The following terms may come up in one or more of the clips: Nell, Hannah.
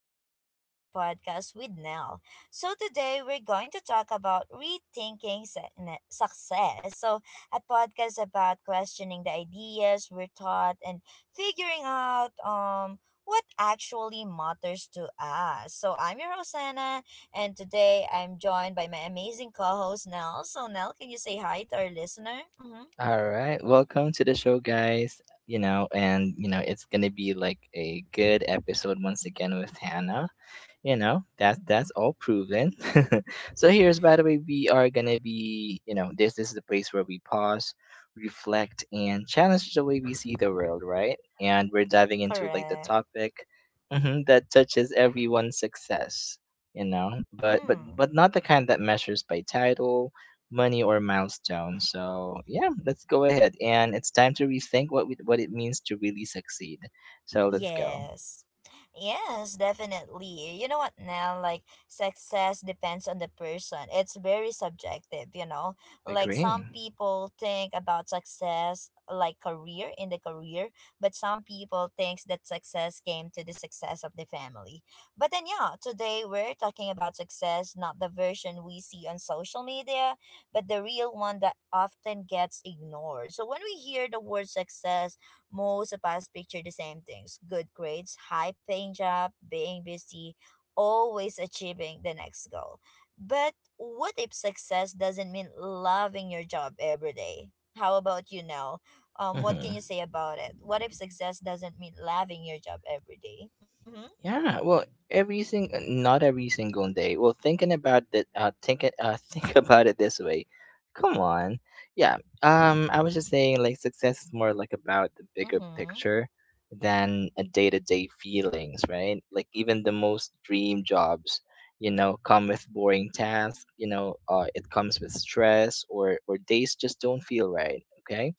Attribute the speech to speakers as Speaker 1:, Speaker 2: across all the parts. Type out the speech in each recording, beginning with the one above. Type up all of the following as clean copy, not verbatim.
Speaker 1: back to another podcast with Nell. So today we're going to talk about rethinking success. So a podcast about questioning the ideas we're taught and figuring out what actually matters to us. So I'm your host Hannah, and today I'm joined by my amazing co-host Nell. So Nell, can you say hi to our listener? Mm-hmm.
Speaker 2: All right, welcome to the show, guys. It's gonna be like a good episode once again with Hannah. You know that's all proven. So here's, by the way, we are gonna be, this is the place where we pause, reflect and challenge the way we see the world, right? And we're diving into like the
Speaker 1: Correct.
Speaker 2: topic, mhm, that touches everyone's success, you know, but but
Speaker 1: Mm.
Speaker 2: but not the kind that measures by title, money or milestone. So yeah, let's go ahead and it's time to rethink what it means to really succeed. So let's go.
Speaker 1: Yes. Yes, definitely. You know what now? Like, success depends on the person. It's very subjective, Like, some
Speaker 2: Agree.
Speaker 1: people think about success like career in the career, but some people thinks that success came to the success of the family. But then, yeah, today we're talking about success, not the version we see on social media, but the real one that often gets ignored. So, when we hear the word success, most of us picture the same things: good grades, high paying job, being busy, always achieving the next goal. But what if success doesn't mean loving your job every day? How about you now? What can you
Speaker 2: Mhm.
Speaker 1: say about it? What if success doesn't mean loving your job every day? Mm-hmm.
Speaker 2: Yeah, well,
Speaker 1: Yeah.
Speaker 2: every sing not every single day. Well, thinking about that, think about it this way. Come on, yeah. I was just saying, like, success is more like about the bigger
Speaker 1: Mm-hmm.
Speaker 2: picture than a day-to-day feelings, right? Like, even the most dream jobs, you know, come with boring tasks. You know, it comes with stress or days just don't feel right. Okay,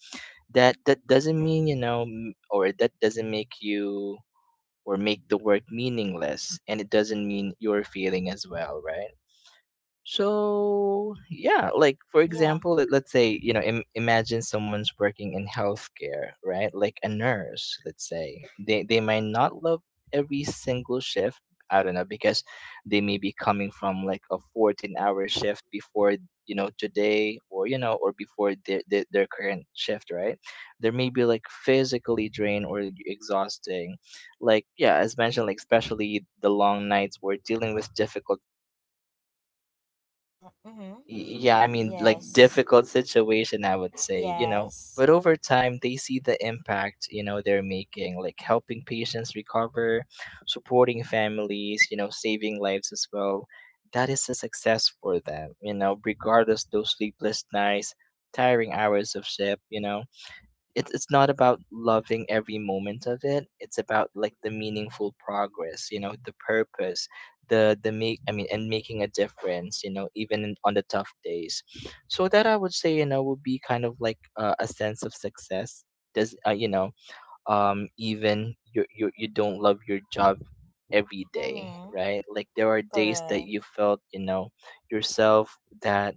Speaker 2: that doesn't mean, you know, m- or that doesn't make you or make the work meaningless, and it doesn't mean you're failing as well, right? So yeah, like for
Speaker 1: Yeah.
Speaker 2: example, let's say, you know, imagine someone's working in healthcare, right? Like a nurse, let's say they might not love every single shift. I don't know, because they may be coming from like a 14-hour shift before, you know, today, or you know, or before their current shift, right? They may be like physically drained or exhausting, like yeah, as mentioned, like especially the long nights we're dealing with difficult—
Speaker 1: Mm-hmm.
Speaker 2: Yeah, I mean, like
Speaker 1: Yes.
Speaker 2: difficult situation, I would say, you know.
Speaker 1: Yes.
Speaker 2: But over time, they see the impact, you know, they're making, like helping patients recover, supporting families, you know, saving lives as well. That is a success for them, you know, regardless those sleepless nights, tiring hours of shift, you know, it's not about loving every moment of it. It's about like the meaningful progress, you know, the purpose, the make I mean and making a difference, you know, even on the tough days. So that, I would say, you know, would be kind of like a sense of success. Does, you know, even you don't love your job every day,
Speaker 1: Mm-hmm.
Speaker 2: right? Like there are days that
Speaker 1: Correct.
Speaker 2: you felt, you know, yourself that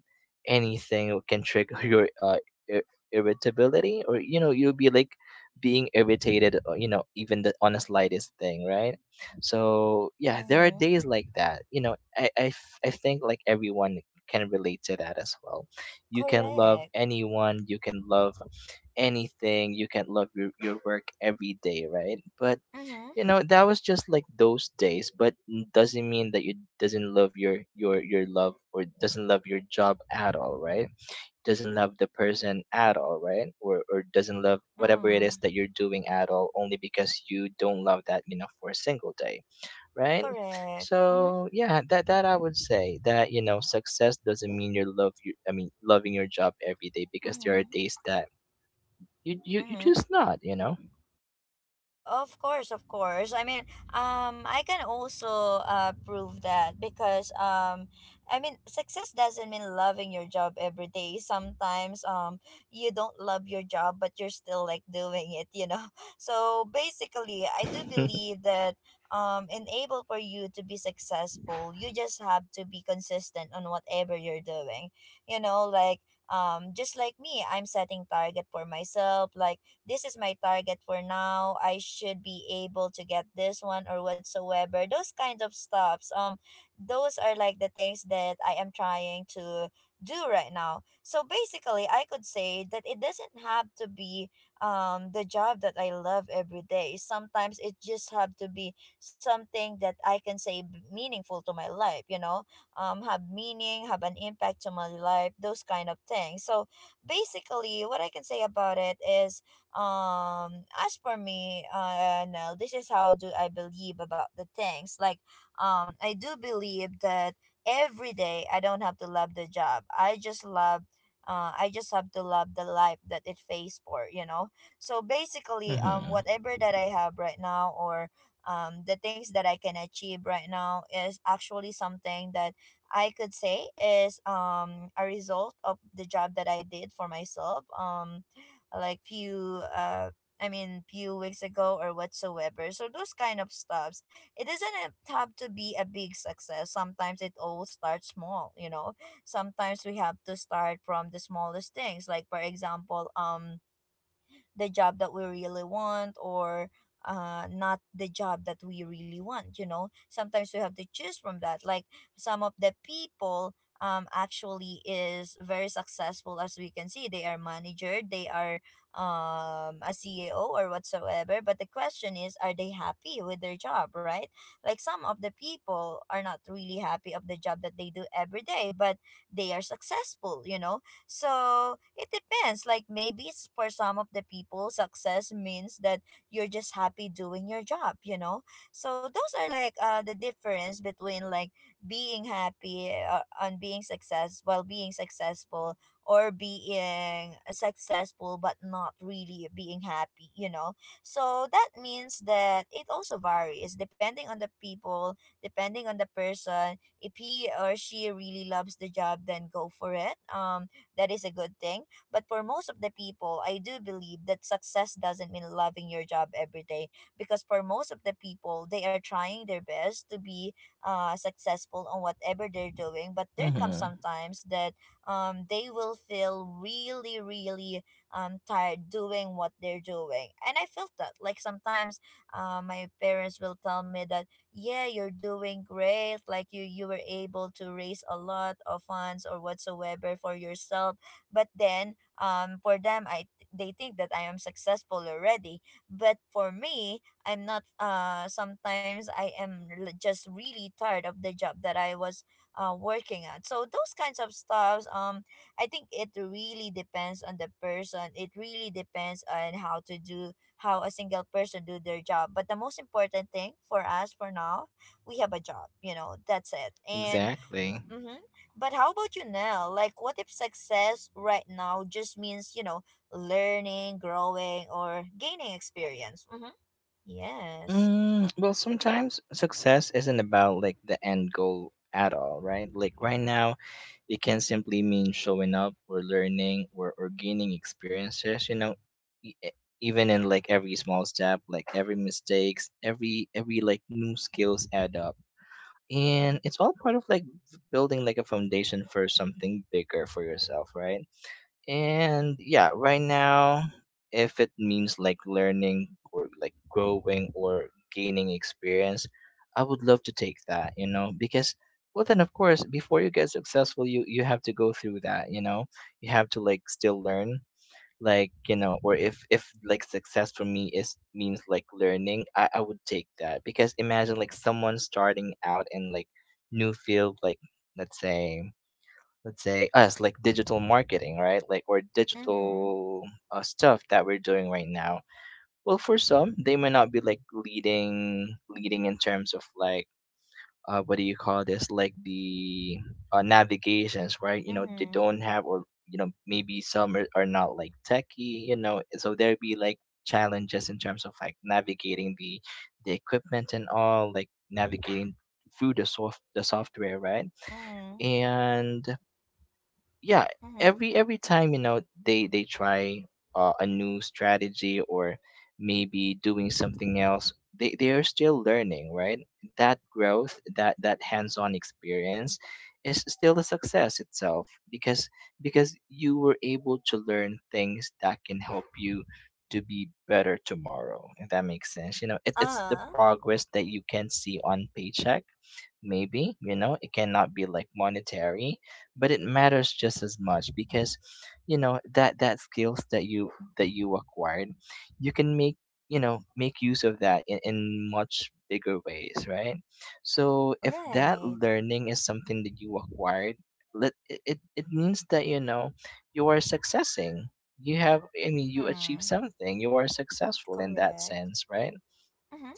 Speaker 2: anything can trigger your ir- irritability, or you know, you'll be like being irritated, you know, even the on the slightest thing, right? So yeah, there are
Speaker 1: Mm-hmm.
Speaker 2: days like that, you know, I think like everyone can relate to that as well. You can love
Speaker 1: Correct.
Speaker 2: anyone, you can love anything, you can log your work every day, right? But
Speaker 1: Mm-hmm.
Speaker 2: you know, that was just like those days, but doesn't mean that you doesn't love your love or doesn't love your job at all, right? Doesn't love the person at all, right? Or doesn't love whatever it is
Speaker 1: Mm.
Speaker 2: that you're doing at all, only because you don't love that, you know, for a single day, right?
Speaker 1: Correct. Mm-hmm.
Speaker 2: So yeah, that I would say that, you know, success doesn't mean you're love you I mean loving your job every day, because there are
Speaker 1: Mm-hmm.
Speaker 2: days that you
Speaker 1: Mm-hmm.
Speaker 2: just not, you know.
Speaker 1: Of course, of course. I mean, I can also prove that because I mean, success doesn't mean loving your job every day. Sometimes you don't love your job, but you're still like doing it. So basically, I do believe that enable for you to be successful, you just have to be consistent on whatever you're doing. You know, like just like me, I'm setting target for myself, like this is my target for now. I should be able to get this one or whatsoever, those kinds of stops. Those are like the things that I am trying to do right now. So basically I could say that it doesn't have to be the job that I love every day. Sometimes it just have to be something that I can say meaningful to my life. Have meaning, have an impact to my life, those kind of things. So basically what I can say about it is, as for me, now this is how do I believe about the things. Like I do believe that every day I don't have to love the job. I just love I just have to love the life that it pays for, you know. So basically,
Speaker 2: Mm-hmm.
Speaker 1: whatever that I have right now, or the things that I can achieve right now, is actually something that I could say is a result of the job that I did for myself. Like few I mean few weeks ago or whatsoever. So those kind of stuffs. It doesn't have to be a big success. Sometimes it all starts small, you know. Sometimes we have to start from the smallest things. Like for example, the job that we really want, or not the job that we really want. You know, sometimes we have to choose from that. Like some of the people actually is very successful. As we can see, they are manager, they are a CEO or whatsoever. But the question is, are they happy with their job, right? Like some of the people are not really happy of the job that they do every day, but they are successful, you know. So it depends. Like maybe for some of the people, success means that you're just happy doing your job, you know? So those are like the difference between like being happy on being success, while being successful, or being successful but not really being happy, you know? So that means that it also varies depending on the people, depending on the person. If he or she really loves the job, then go for it. That is a good thing. But for most of the people, I do believe that success doesn't mean loving your job every day, because for most of the people, they are trying their best to be successful on whatever they're doing. But there comes
Speaker 2: Mm-hmm.
Speaker 1: sometimes that they will feel really, really tired doing what they're doing. And I felt that. Like sometimes my parents will tell me that yeah, you're doing great, like you were able to raise a lot of funds or whatsoever for yourself, but then for them I they think that I am successful already, but for me, I'm not. Sometimes I am just really tired of the job that I was working at, so those kinds of stuffs. I think it really depends on the person. It really depends on how a single person do their job. But the most important thing for us for now, we have a job, you know, that's it. And
Speaker 2: Exactly.
Speaker 1: mm-hmm. But how about you now? Like what if success right now just means, you know, learning, growing, or gaining experience? Mm-hmm. Yes.
Speaker 2: Mm, well, sometimes success isn't about like the end goal at all, right? Like right now, it can simply mean showing up or learning, or gaining experiences, you know, e- e- even in like every small step, like every mistakes, every like new skills add up. And it's all part of like building like a foundation for something bigger for yourself, right? And yeah, right now, if it means like learning or like growing or gaining experience, I would love to take that, you know, because well then of course before you get successful you have to go through that, you know. You have to like still learn, like, you know, or if like success for me is means like learning, I would take that, because imagine like someone starting out in like new field. Like let's say let's say us, like digital marketing, right? Like or
Speaker 1: Mm-hmm.
Speaker 2: digital stuff that we're doing right now. Well for some, they might not be like leading in terms of like, what do you call this, like the navigations, right? You know, they
Speaker 1: Mm-hmm.
Speaker 2: don't have, or you know, maybe are not like techie, you know, so there'd be like challenges in terms of like navigating the equipment and all, like navigating through the software, right?
Speaker 1: Mm-hmm.
Speaker 2: And yeah,
Speaker 1: Mm-hmm.
Speaker 2: every time, you know, they try a new strategy, or maybe doing something else, they are still learning, right? That growth, that hands-on experience is still a success itself, because you were able to learn things that can help you to be better tomorrow, if that makes sense. You know, it's the
Speaker 1: Uh,
Speaker 2: progress that you can see on paycheck, maybe, you know. It cannot be like monetary, but it matters just as much, because you know, that you acquired, you can make, you know, make use of that in much bigger ways, right? So if that
Speaker 1: right.
Speaker 2: learning is something that you acquired, let it, it means that you know, you are successing, you have I mean you achieve
Speaker 1: Mm,
Speaker 2: something, you are successful in that
Speaker 1: correct.
Speaker 2: sense, right?
Speaker 1: Mm-hmm.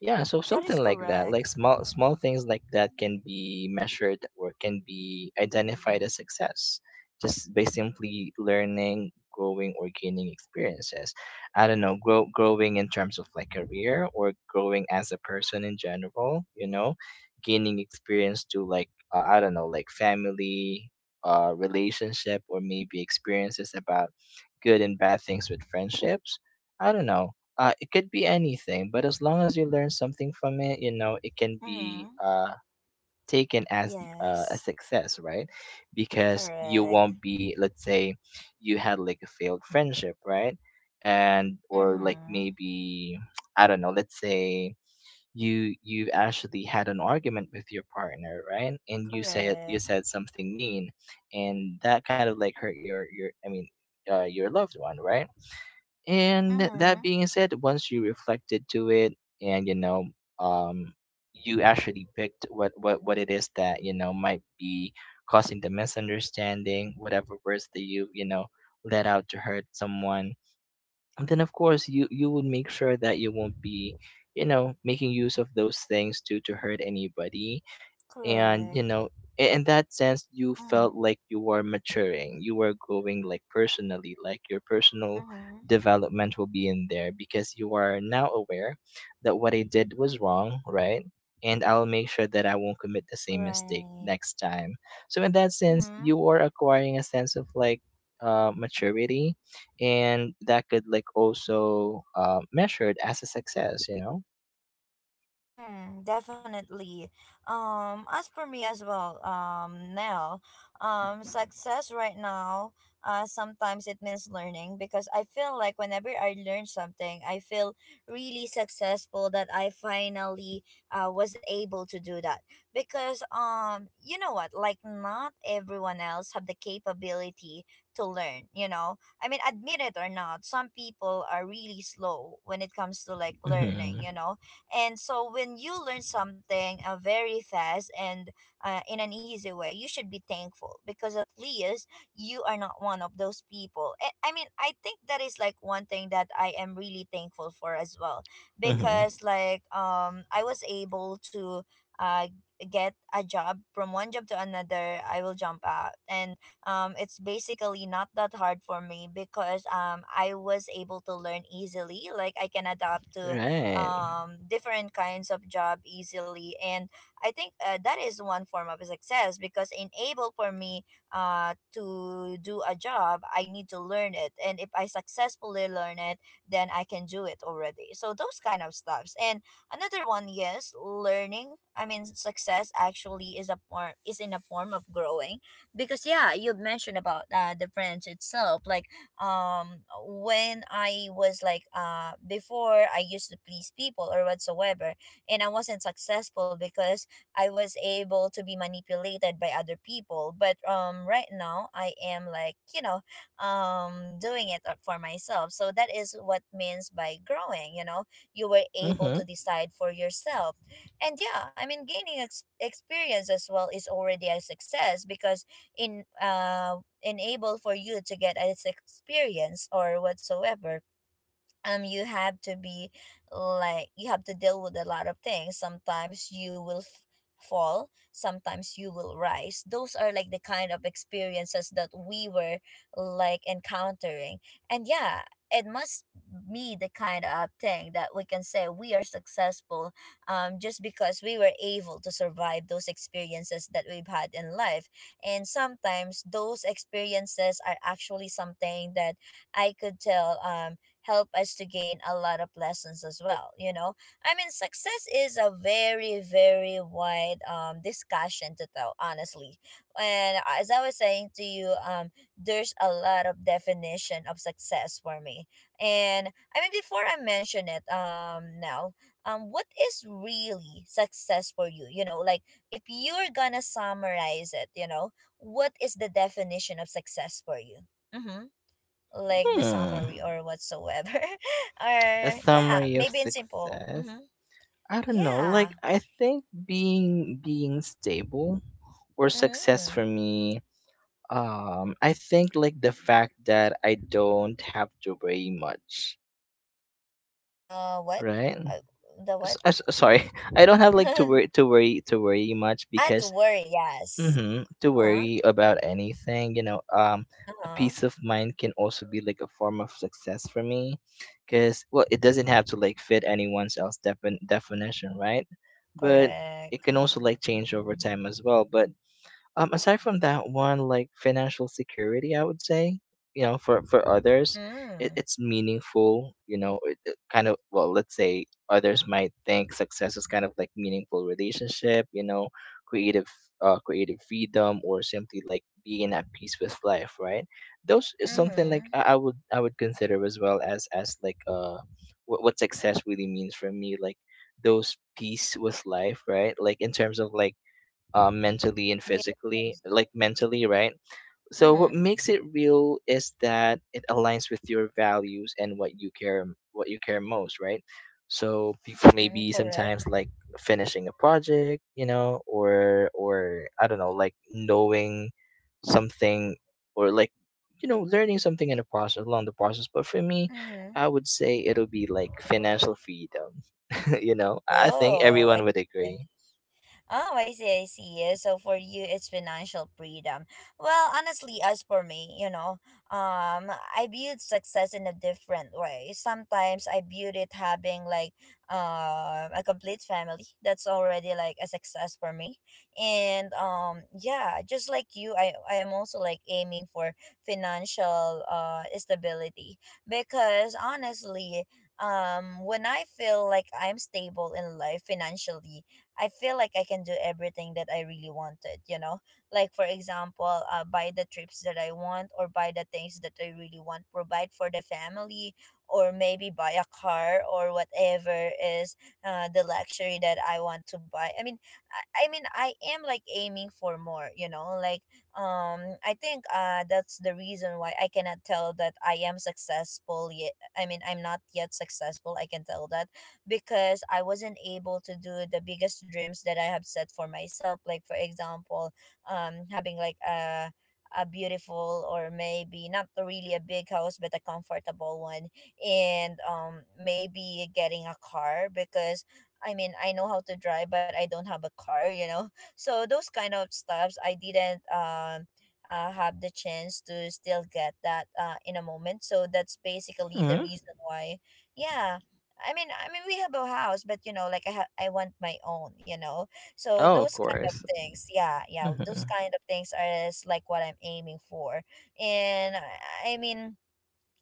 Speaker 2: Yeah, so
Speaker 1: That
Speaker 2: something
Speaker 1: is
Speaker 2: like that, like
Speaker 1: correct.
Speaker 2: small things like that can be measured or can be identified as success just by simply learning, growing or gaining experiences. I don't know, growing in terms of like career, or growing as a person in general, you know, gaining experience to like, I don't know, like family, uh, relationship, or maybe experiences about good and bad things with friendships. I don't know, it could be anything, but as long as you learn something from it, you know, it can
Speaker 1: Mm-hmm.
Speaker 2: be taken as a
Speaker 1: Yes.
Speaker 2: success, right? Because you
Speaker 1: Correct.
Speaker 2: won't be, let's say, you had like a failed friendship, right? And or like
Speaker 1: Mm-hmm.
Speaker 2: maybe, I don't know, let's say you actually had an argument with your partner, right? And you
Speaker 1: Correct.
Speaker 2: said something mean, and that kind of like hurt your I mean your loved one, right? And that
Speaker 1: Mm-hmm.
Speaker 2: being said, once you reflected to it, and you know, um you actually picked what it is that, you know, might be causing the misunderstanding, whatever words that you know, let out to hurt someone. And then of course you would make sure that you won't be, you know, making use of those things to hurt anybody. And
Speaker 1: Correct.
Speaker 2: you know, in that sense, you felt
Speaker 1: Mm-hmm.
Speaker 2: like you were maturing, you were growing, like personally, like your personal
Speaker 1: Mm-hmm.
Speaker 2: development will be in there, because you are now aware that what I did was wrong, right? And I'll make sure that I won't commit the same mistake
Speaker 1: Right.
Speaker 2: next time. So in that sense,
Speaker 1: Mm-hmm.
Speaker 2: you are acquiring a sense of like, maturity, and that could like also measured as a success, you know.
Speaker 1: Mm, definitely. As for me as well, Nell, success right now, sometimes it means learning, because I feel like whenever I learn something, I feel really successful that I finally was able to do that. Because you know what? Like not everyone else have the capability to learn. You know, I mean, admit it or not, some people are really slow when it comes to like learning,
Speaker 2: Hmm.
Speaker 1: you know. And so when you learn something very fast and in an easy way, you should be thankful, because at least you are not one of those people. I mean, I think that is like one thing that I am really thankful for as well,
Speaker 2: Hmm.
Speaker 1: because like I was able to uh get a job from one job to another. I will jump out, and it's basically not that hard for me, because I was able to learn easily. Like I can adapt to
Speaker 2: Right.
Speaker 1: different kinds of job easily. And I think that is one form of success, because enable for me to do a job, I need to learn it. And if I successfully learn it, then I can do it already. So those kind of stuffs. And another one, yes, learning. I mean, success actually is a form is in a form of growing, because yeah, you've mentioned about the branch itself, like um when I was like before, I used to please people or whatsoever, and I wasn't successful because I was able to be manipulated by other people. But right now I am, like, you know, doing it for myself. So that is what means by growing, you know. You were able to
Speaker 2: Hmm.
Speaker 1: decide for yourself. And yeah, I mean gaining experience as well is already a success, because in enable for you to get this experience or whatsoever, you have to be, like, you have to deal with a lot of things. Sometimes you will fall, sometimes you will rise. Those are like the kind of experiences that we were like encountering. And yeah, it must be the kind of thing that we can say we are successful, just because we were able to survive those experiences that we've had in life. And sometimes those experiences are actually something that I could tell help us to gain a lot of lessons as well, you know. I mean success is a very, very wide discussion to tell, honestly. And as I was saying to you, there's a lot of definition of success for me. And I mean before I mention it, now what is really success for you, you know? Like if you're gonna summarize it, you know, what is the definition of success for you? Mm-hmm. Like the summary
Speaker 2: Hmm.
Speaker 1: or whatsoever
Speaker 2: A
Speaker 1: or yeah,
Speaker 2: summary of
Speaker 1: maybe in simple.
Speaker 2: success.
Speaker 1: Mm-hmm.
Speaker 2: I don't know. Like
Speaker 1: Yeah.
Speaker 2: I think being stable or success
Speaker 1: Mm.
Speaker 2: for me. I think like the fact that I don't have to worry much,
Speaker 1: Uh, what?
Speaker 2: right?
Speaker 1: Uh, the what?
Speaker 2: Sorry, I don't have like to worry much,
Speaker 1: At
Speaker 2: because—
Speaker 1: worry, yes.
Speaker 2: Mm-hmm. To
Speaker 1: Uh-huh.
Speaker 2: worry about anything, you know, a
Speaker 1: Uh-huh.
Speaker 2: peace of mind can also be like a form of success for me, because well, it doesn't have to like fit anyone's else definition, right? But it
Speaker 1: Correct.
Speaker 2: can also like change over time as well. But aside from that one, like financial security, I would say, you know, for others,
Speaker 1: Mm.
Speaker 2: it's meaningful. You know, it kind of, well, let's say others might think success is kind of like meaningful relationship. You know, creative, creative freedom, or simply like being at peace with life. Right? Those is something like
Speaker 1: Mm-hmm.
Speaker 2: I would— I would consider as well as like, what success really means for me. Like those peace with life, right? Like in terms of like, mentally and physically,
Speaker 1: Yes.
Speaker 2: like mentally, right? So what
Speaker 1: Mm-hmm.
Speaker 2: makes it real is that it aligns with your values and what you care most, right? So people
Speaker 1: Mm,
Speaker 2: maybe sometimes
Speaker 1: correct.
Speaker 2: like finishing a project, you know, or I don't know, like knowing something, or like you know learning something in the process along the process. But for me,
Speaker 1: Mm-hmm.
Speaker 2: I would say it'll be like financial freedom. You know, I think
Speaker 1: Oh, I
Speaker 2: everyone would
Speaker 1: see.
Speaker 2: agree.
Speaker 1: Oh, I see, I see. Yeah, so for you, it's financial freedom. Well, honestly, as for me, you know, I viewed success in a different way. Sometimes I viewed it having like a complete family. That's already like a success for me. And yeah, just like you, I am also like aiming for financial stability, because honestly, when I feel like I'm stable in life financially, I feel like I can do everything that I really wanted, you know? Like, for example, buy the trips that I want or buy the things that I really want, provide for the family, or maybe buy a car or whatever is the luxury that I want to buy. I mean, I am like aiming for more, you know? Like, I think that's the reason why I cannot tell that I am successful yet. I mean, I'm not yet successful, I can tell that, because I wasn't able to do the biggest dreams that I have set for myself. Like for example, having like a beautiful or maybe not really a big house but a comfortable one, and maybe getting a car because I mean I know how to drive but I don't have a car, you know? So those kind of stuffs I didn't have the chance to still get that, in a moment, so that's basically the
Speaker 2: Hmm.
Speaker 1: reason why. Yeah, I mean, we have a house, but you know, like I want my own, you know. So
Speaker 2: Oh, of
Speaker 1: those kind of
Speaker 2: course.
Speaker 1: things, yeah, yeah, those
Speaker 2: Hmm.
Speaker 1: kind of things are is like what I'm aiming for, and I mean,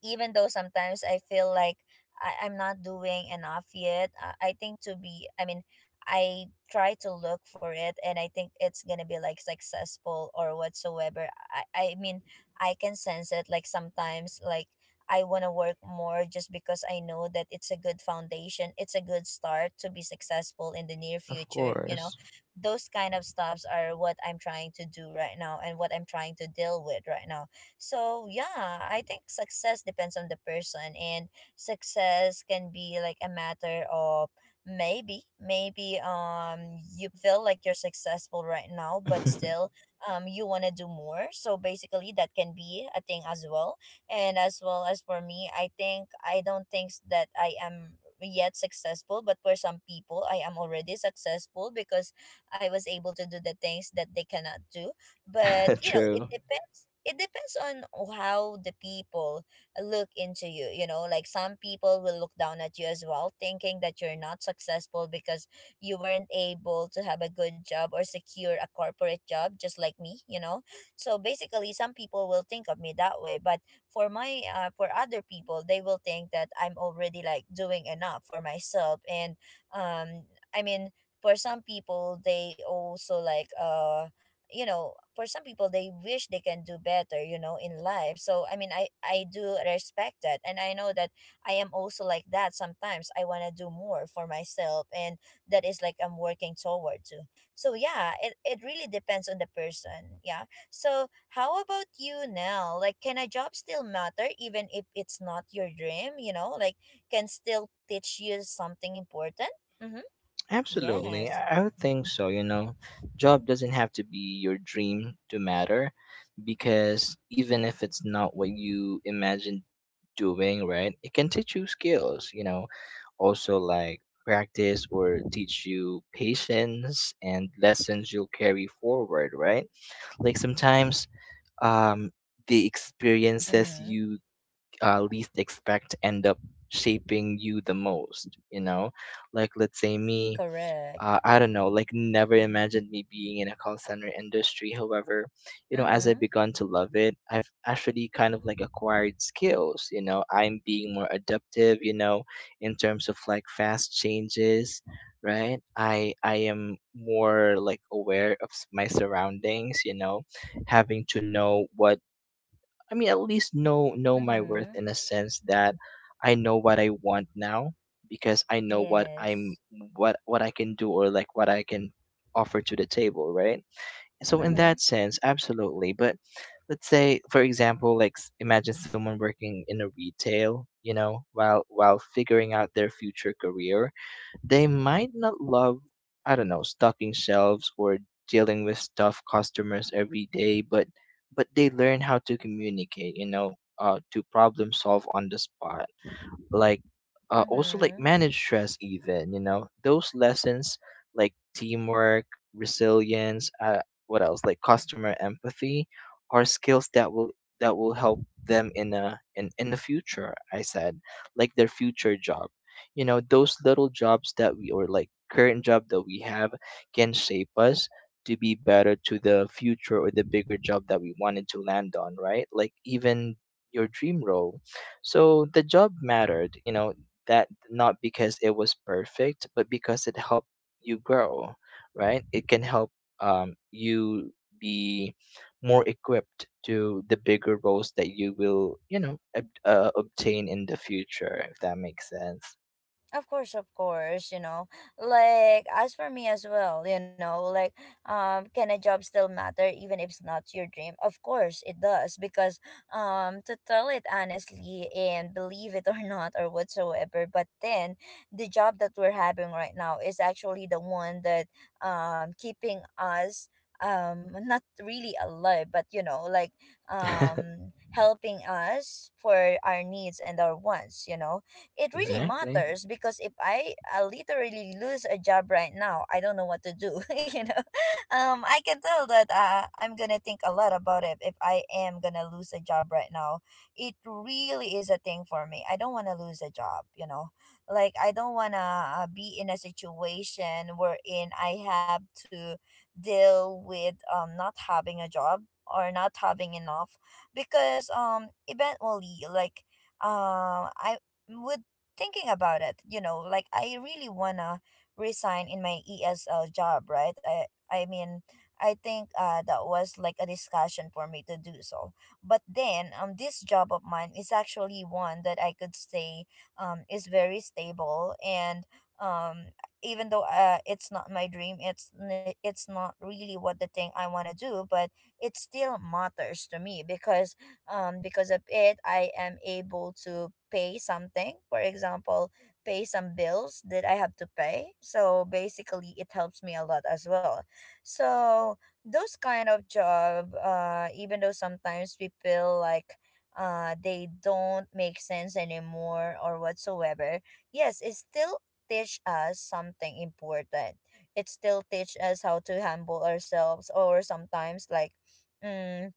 Speaker 1: even though sometimes I feel like I'm not doing enough yet, I think to be, I mean, I try to look for it and I think it's gonna be like successful or whatsoever. I mean, I can sense it like sometimes, like, I want to work more just because I know that it's a good foundation, it's a good start to be successful in the near
Speaker 2: Of
Speaker 1: future, you know.
Speaker 2: course.
Speaker 1: Those kind of stuffs are what I'm trying to do right now and what I'm trying to deal with right now. So yeah, I think success depends on the person, and success can be like a matter of maybe you feel like you're successful right now but still you want to do more. So basically that can be a thing as well. And as well as for me, I think I don't think that I am yet successful, but for some people I am already successful because I was able to do the things that they cannot do. But you know, it
Speaker 2: True.
Speaker 1: depends it depends on how the people look into you, you know, like some people will look down at you as well, thinking that you're not successful because you weren't able to have a good job or secure a corporate job just like me, you know. So basically some people will think of me that way, but for other people they will think that I'm already like doing enough for myself, and um I mean for some people they also like, you know, for some people they wish they can do better, you know, in life. So I mean, I do respect that and I know that I am also like that. Sometimes I want to do more for myself, and that is like I'm working toward to. So yeah, it really depends on the person, yeah. So how about you now, like can a job still matter even if it's not your dream, you know, like can still teach you something important? Mm-hmm.
Speaker 2: Absolutely.
Speaker 1: Yes.
Speaker 2: I would think so, you know. Job doesn't have to be your dream to matter, because even if it's not what you imagined doing, right? It can teach you skills, you know. Also like practice, or teach you patience and lessons you'll carry forward, right? Like sometimes um the experiences
Speaker 1: Mm-hmm.
Speaker 2: you least expect end up shaping you the most, you know. Like let's say me,
Speaker 1: Correct.
Speaker 2: I don't know, like never imagined me being in a call center industry. However, you know, as
Speaker 1: Mm-hmm.
Speaker 2: I've begun to love it, I've actually kind of like acquired skills, you know. I'm being more adaptive, you know, in terms of like fast changes. Right, I am more like aware of my surroundings, you know, having to know what. I mean, at least know my worth,
Speaker 1: Mm-hmm.
Speaker 2: in a sense that I know what I want now, because I know what I'm
Speaker 1: Yes.
Speaker 2: what I can do, or like what I can offer to the table, right? So in
Speaker 1: Mm-hmm.
Speaker 2: that sense, absolutely. But let's say, for example, like imagine someone working in a retail, you know, while figuring out their future career. They might not love, I don't know, stocking shelves or dealing with stuffed customers every day, but they learn how to communicate, you know, to problem solve on the spot, like also like
Speaker 1: Mm-hmm.
Speaker 2: manage stress even, you know. Those lessons like teamwork, resilience, what else, like customer empathy, are skills that will help them in a in the future, I said, like their future job, you know. Those little jobs that we, or like current job that we have, can shape us to be better to the future, or the bigger job that we wanted to land on, right? Like even your dream role. So the job mattered, you know, that not because it was perfect, but because it helped you grow, right? It can help you be more equipped to the bigger roles that you will, you know, obtain in the future, if that makes sense.
Speaker 1: Of course, you know. Like as for me as well, you know, like, can a job still matter even if it's not your dream? Of course it does, because to tell it honestly and believe it or not or whatsoever, but then the job that we're having right now is actually the one that keeping us, not really alive, but you know, like helping us for our needs and our wants, you know. It really
Speaker 2: Exactly.
Speaker 1: matters because if I literally lose a job right now, I don't know what to do. You know, I can tell that, I'm gonna think a lot about it if I am gonna lose a job right now. It really is a thing for me. I don't want to lose a job. You know, like I don't wanna, be in a situation wherein I have to deal with not having a job or not having enough, because eventually like, I would thinking about it, you know, like I really wanna resign in my ESL job, right? I mean, I think that was like a discussion for me to do so. But then this job of mine is actually one that I could say is very stable, and, um even though it's not my dream, it's not really what the thing I want to do, but it still matters to me because, because of it I am able to pay something, for example pay some bills that I have to pay. So basically it helps me a lot as well. So those kind of job, even though sometimes we feel like, they don't make sense anymore or whatsoever, yes it still teach us something important. It still teach us how to humble ourselves, or sometimes like, mm,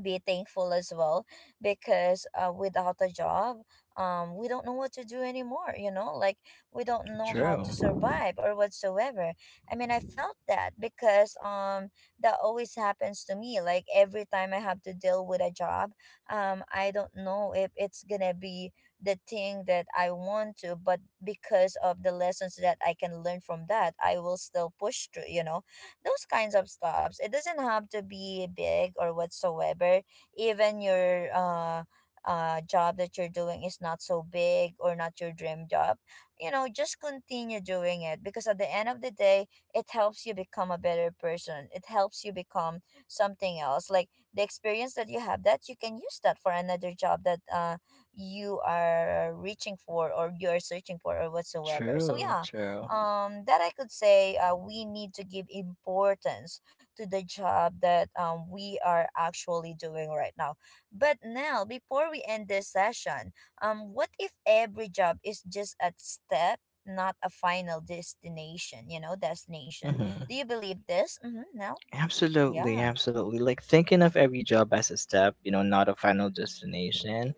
Speaker 1: be thankful as well, because, without a job, we don't know what to do anymore, you know, like we don't know how
Speaker 2: True.
Speaker 1: to survive or whatsoever. I mean I felt that, because that always happens to me, like every time I have to deal with a job, I don't know if it's gonna be the thing that I want to, but because of the lessons that I can learn from that I will still push through, you know, those kinds of stops. It doesn't have to be big or whatsoever. Even your job that you're doing is not so big or not your dream job. You know, just continue doing it, because at the end of the day, it helps you become a better person. It helps you become something else. Like the experience that you have that you can use that for another job that you are reaching for or you are searching for or whatsoever. So
Speaker 2: True.
Speaker 1: yeah,
Speaker 2: True.
Speaker 1: that I could say, we need to give importance to the job that, we are actually doing right now. But now, before we end this session, what if every job is just a step, not a final destination,
Speaker 2: Hmm.
Speaker 1: do you believe this? Mm-hmm. No.
Speaker 2: Absolutely,
Speaker 1: Yeah.
Speaker 2: absolutely. Like thinking of every job as a step, you know, not a final destination,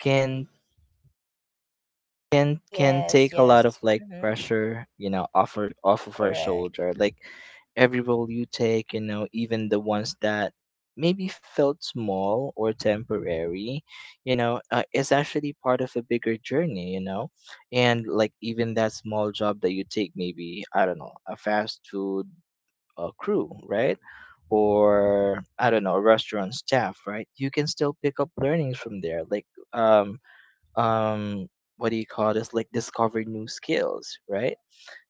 Speaker 2: can can
Speaker 1: Yes,
Speaker 2: take a lot
Speaker 1: yes.
Speaker 2: of like
Speaker 1: Mm-hmm.
Speaker 2: pressure, you know, off our, off of our
Speaker 1: Correct.
Speaker 2: shoulder. Like every role you take, you know, even the ones that maybe felt small or temporary, you know, is actually part of a bigger journey, you know. And like even that small job that you take, maybe I don't know, a fast food, a crew, right? Or I don't know, restaurant staff, right? You can still pick up learnings from there, like um um what do you call this? Like discover new skills, right?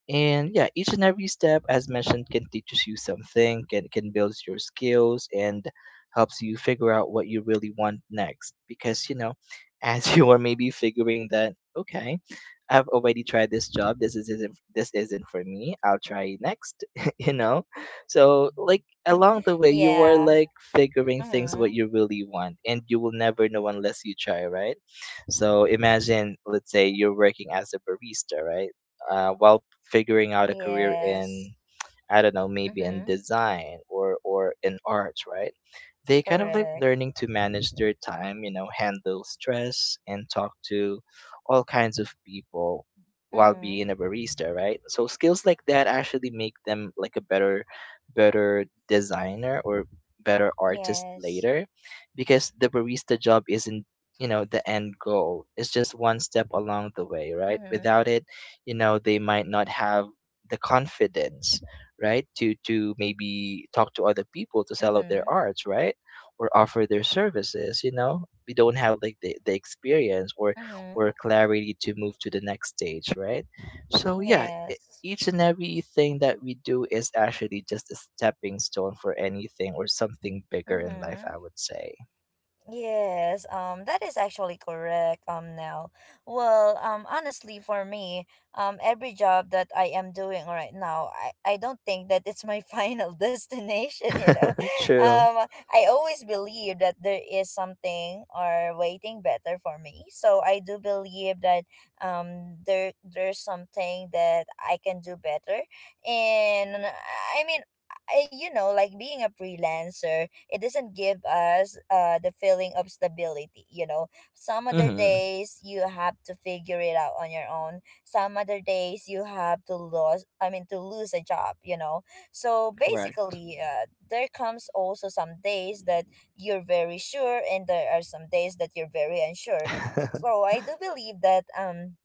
Speaker 2: And yeah, each and every step, as mentioned, can teaches you something, can build your skills, and helps you figure out what you really want next. Because you know, as you are maybe figuring that, okay, I've already tried this job, this is isn't this isn't for me, I'll try next. You know, so like along the way, you are
Speaker 1: Yeah.
Speaker 2: like figuring things what
Speaker 1: Mm-hmm.
Speaker 2: you really want, and you will never know unless you try, right? So imagine, let's say you're working as a barista, right? While figuring out a career
Speaker 1: Yes.
Speaker 2: in, I don't know, maybe in
Speaker 1: Mm-hmm.
Speaker 2: design, or in arts, right? They kind of like
Speaker 1: Correct.
Speaker 2: learning to manage their time, you know, handle stress and talk to all kinds of people while
Speaker 1: Mm-hmm.
Speaker 2: being a barista, right? So skills like that actually make them like a better, better designer, or better artist
Speaker 1: Yes.
Speaker 2: later, because the barista job isn't, you know, the end goal. It's just one step along the way, right?
Speaker 1: Mm-hmm.
Speaker 2: Without it, you know, they might not have the confidence, right, to maybe talk to other people, to sell out their
Speaker 1: Mm-hmm.
Speaker 2: arts, right? Or offer their services, you know. We don't have like the experience, or
Speaker 1: Mm-hmm.
Speaker 2: clarity to move to the next stage, right? So yeah,
Speaker 1: Yes.
Speaker 2: each and everything that we do is actually just a stepping stone for anything or something bigger in life,
Speaker 1: Mm-hmm.
Speaker 2: I would say.
Speaker 1: Yes, that is actually correct, Nell. Well, honestly, for me, every job that I am doing right now, I don't think that it's my final destination, you know.
Speaker 2: True.
Speaker 1: Um, I always believe that there is something or waiting better for me. So I do believe that there there's something that I can do better. And I mean, I, you know, like being a freelancer, it doesn't give us the feeling of stability, you know. Some other
Speaker 2: Mm-hmm.
Speaker 1: days you have to figure it out on your own, some other days you have to lose, I mean to lose a job, you know. So
Speaker 2: Correct.
Speaker 1: basically, there comes also some days that you're very sure and there are some days that you're very unsure. So I do believe that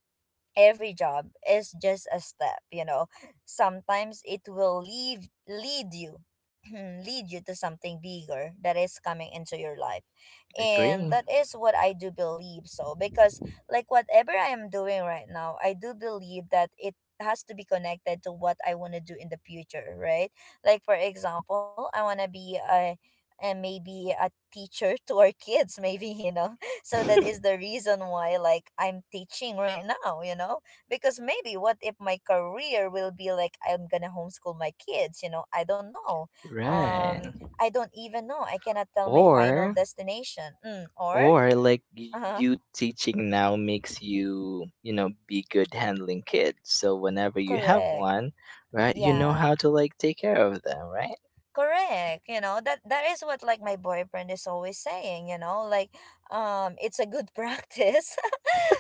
Speaker 1: every job is just a step, you know. Sometimes it will leave lead you lead you to something bigger that is coming into your life, and
Speaker 2: Agree.
Speaker 1: that is what I do believe, so because like whatever I am doing right now, I do believe that it has to be connected to what I want to do in the future, right? Like for example, I want to be a maybe a teacher to our kids maybe, you know. So that is the reason why like I'm teaching right now, you know, because maybe what if my career will be like I'm gonna homeschool my kids, you know, I don't know.
Speaker 2: Right.
Speaker 1: um I don't even know, I cannot tell my final
Speaker 2: or
Speaker 1: destination. Mm, or,
Speaker 2: Or like
Speaker 1: uh-huh,
Speaker 2: you teaching now makes you, you know, be good handling kids. So whenever you have
Speaker 1: correct,
Speaker 2: one, right, you know
Speaker 1: yeah,
Speaker 2: how to like take care of them, right?
Speaker 1: correct. You know, that is what like my boyfriend is always saying, you know, like it's a good practice,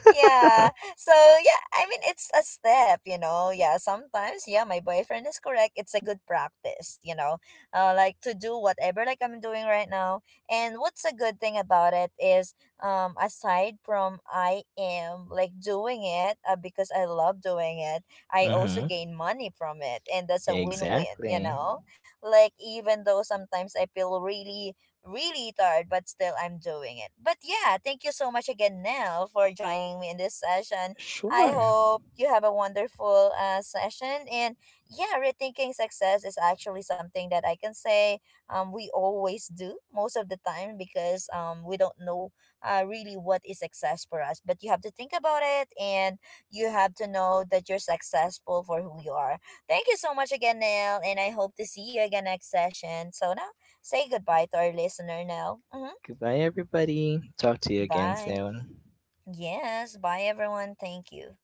Speaker 1: yeah. So yeah, I mean it's a step, you know. Yeah, sometimes yeah, my boyfriend is correct. It's a good practice, you know. Like to do whatever like I'm doing right now. And what's a good thing about it is aside from I am like doing it because I love doing it, I also
Speaker 2: Mm-hmm.
Speaker 1: gain money from it, and that's a win-win, you
Speaker 2: Exactly.
Speaker 1: know. Like even though sometimes I feel really really tired, but still I'm doing it. But yeah, thank you so much again, Nell, for joining me in this session. I
Speaker 2: Sure.
Speaker 1: hope you have a wonderful session. And yeah, rethinking success is actually something that I can say we always do most of the time because we don't know really what is success for us. But you have to think about it, and you have to know that you're successful for who you are. Thank you so much again, Nell, and I hope to see you again next session. So now, say goodbye to our listener now. Hmm.
Speaker 2: Goodbye, everybody. Talk to you again
Speaker 1: Bye.
Speaker 2: soon.
Speaker 1: Yes, bye everyone. Thank you.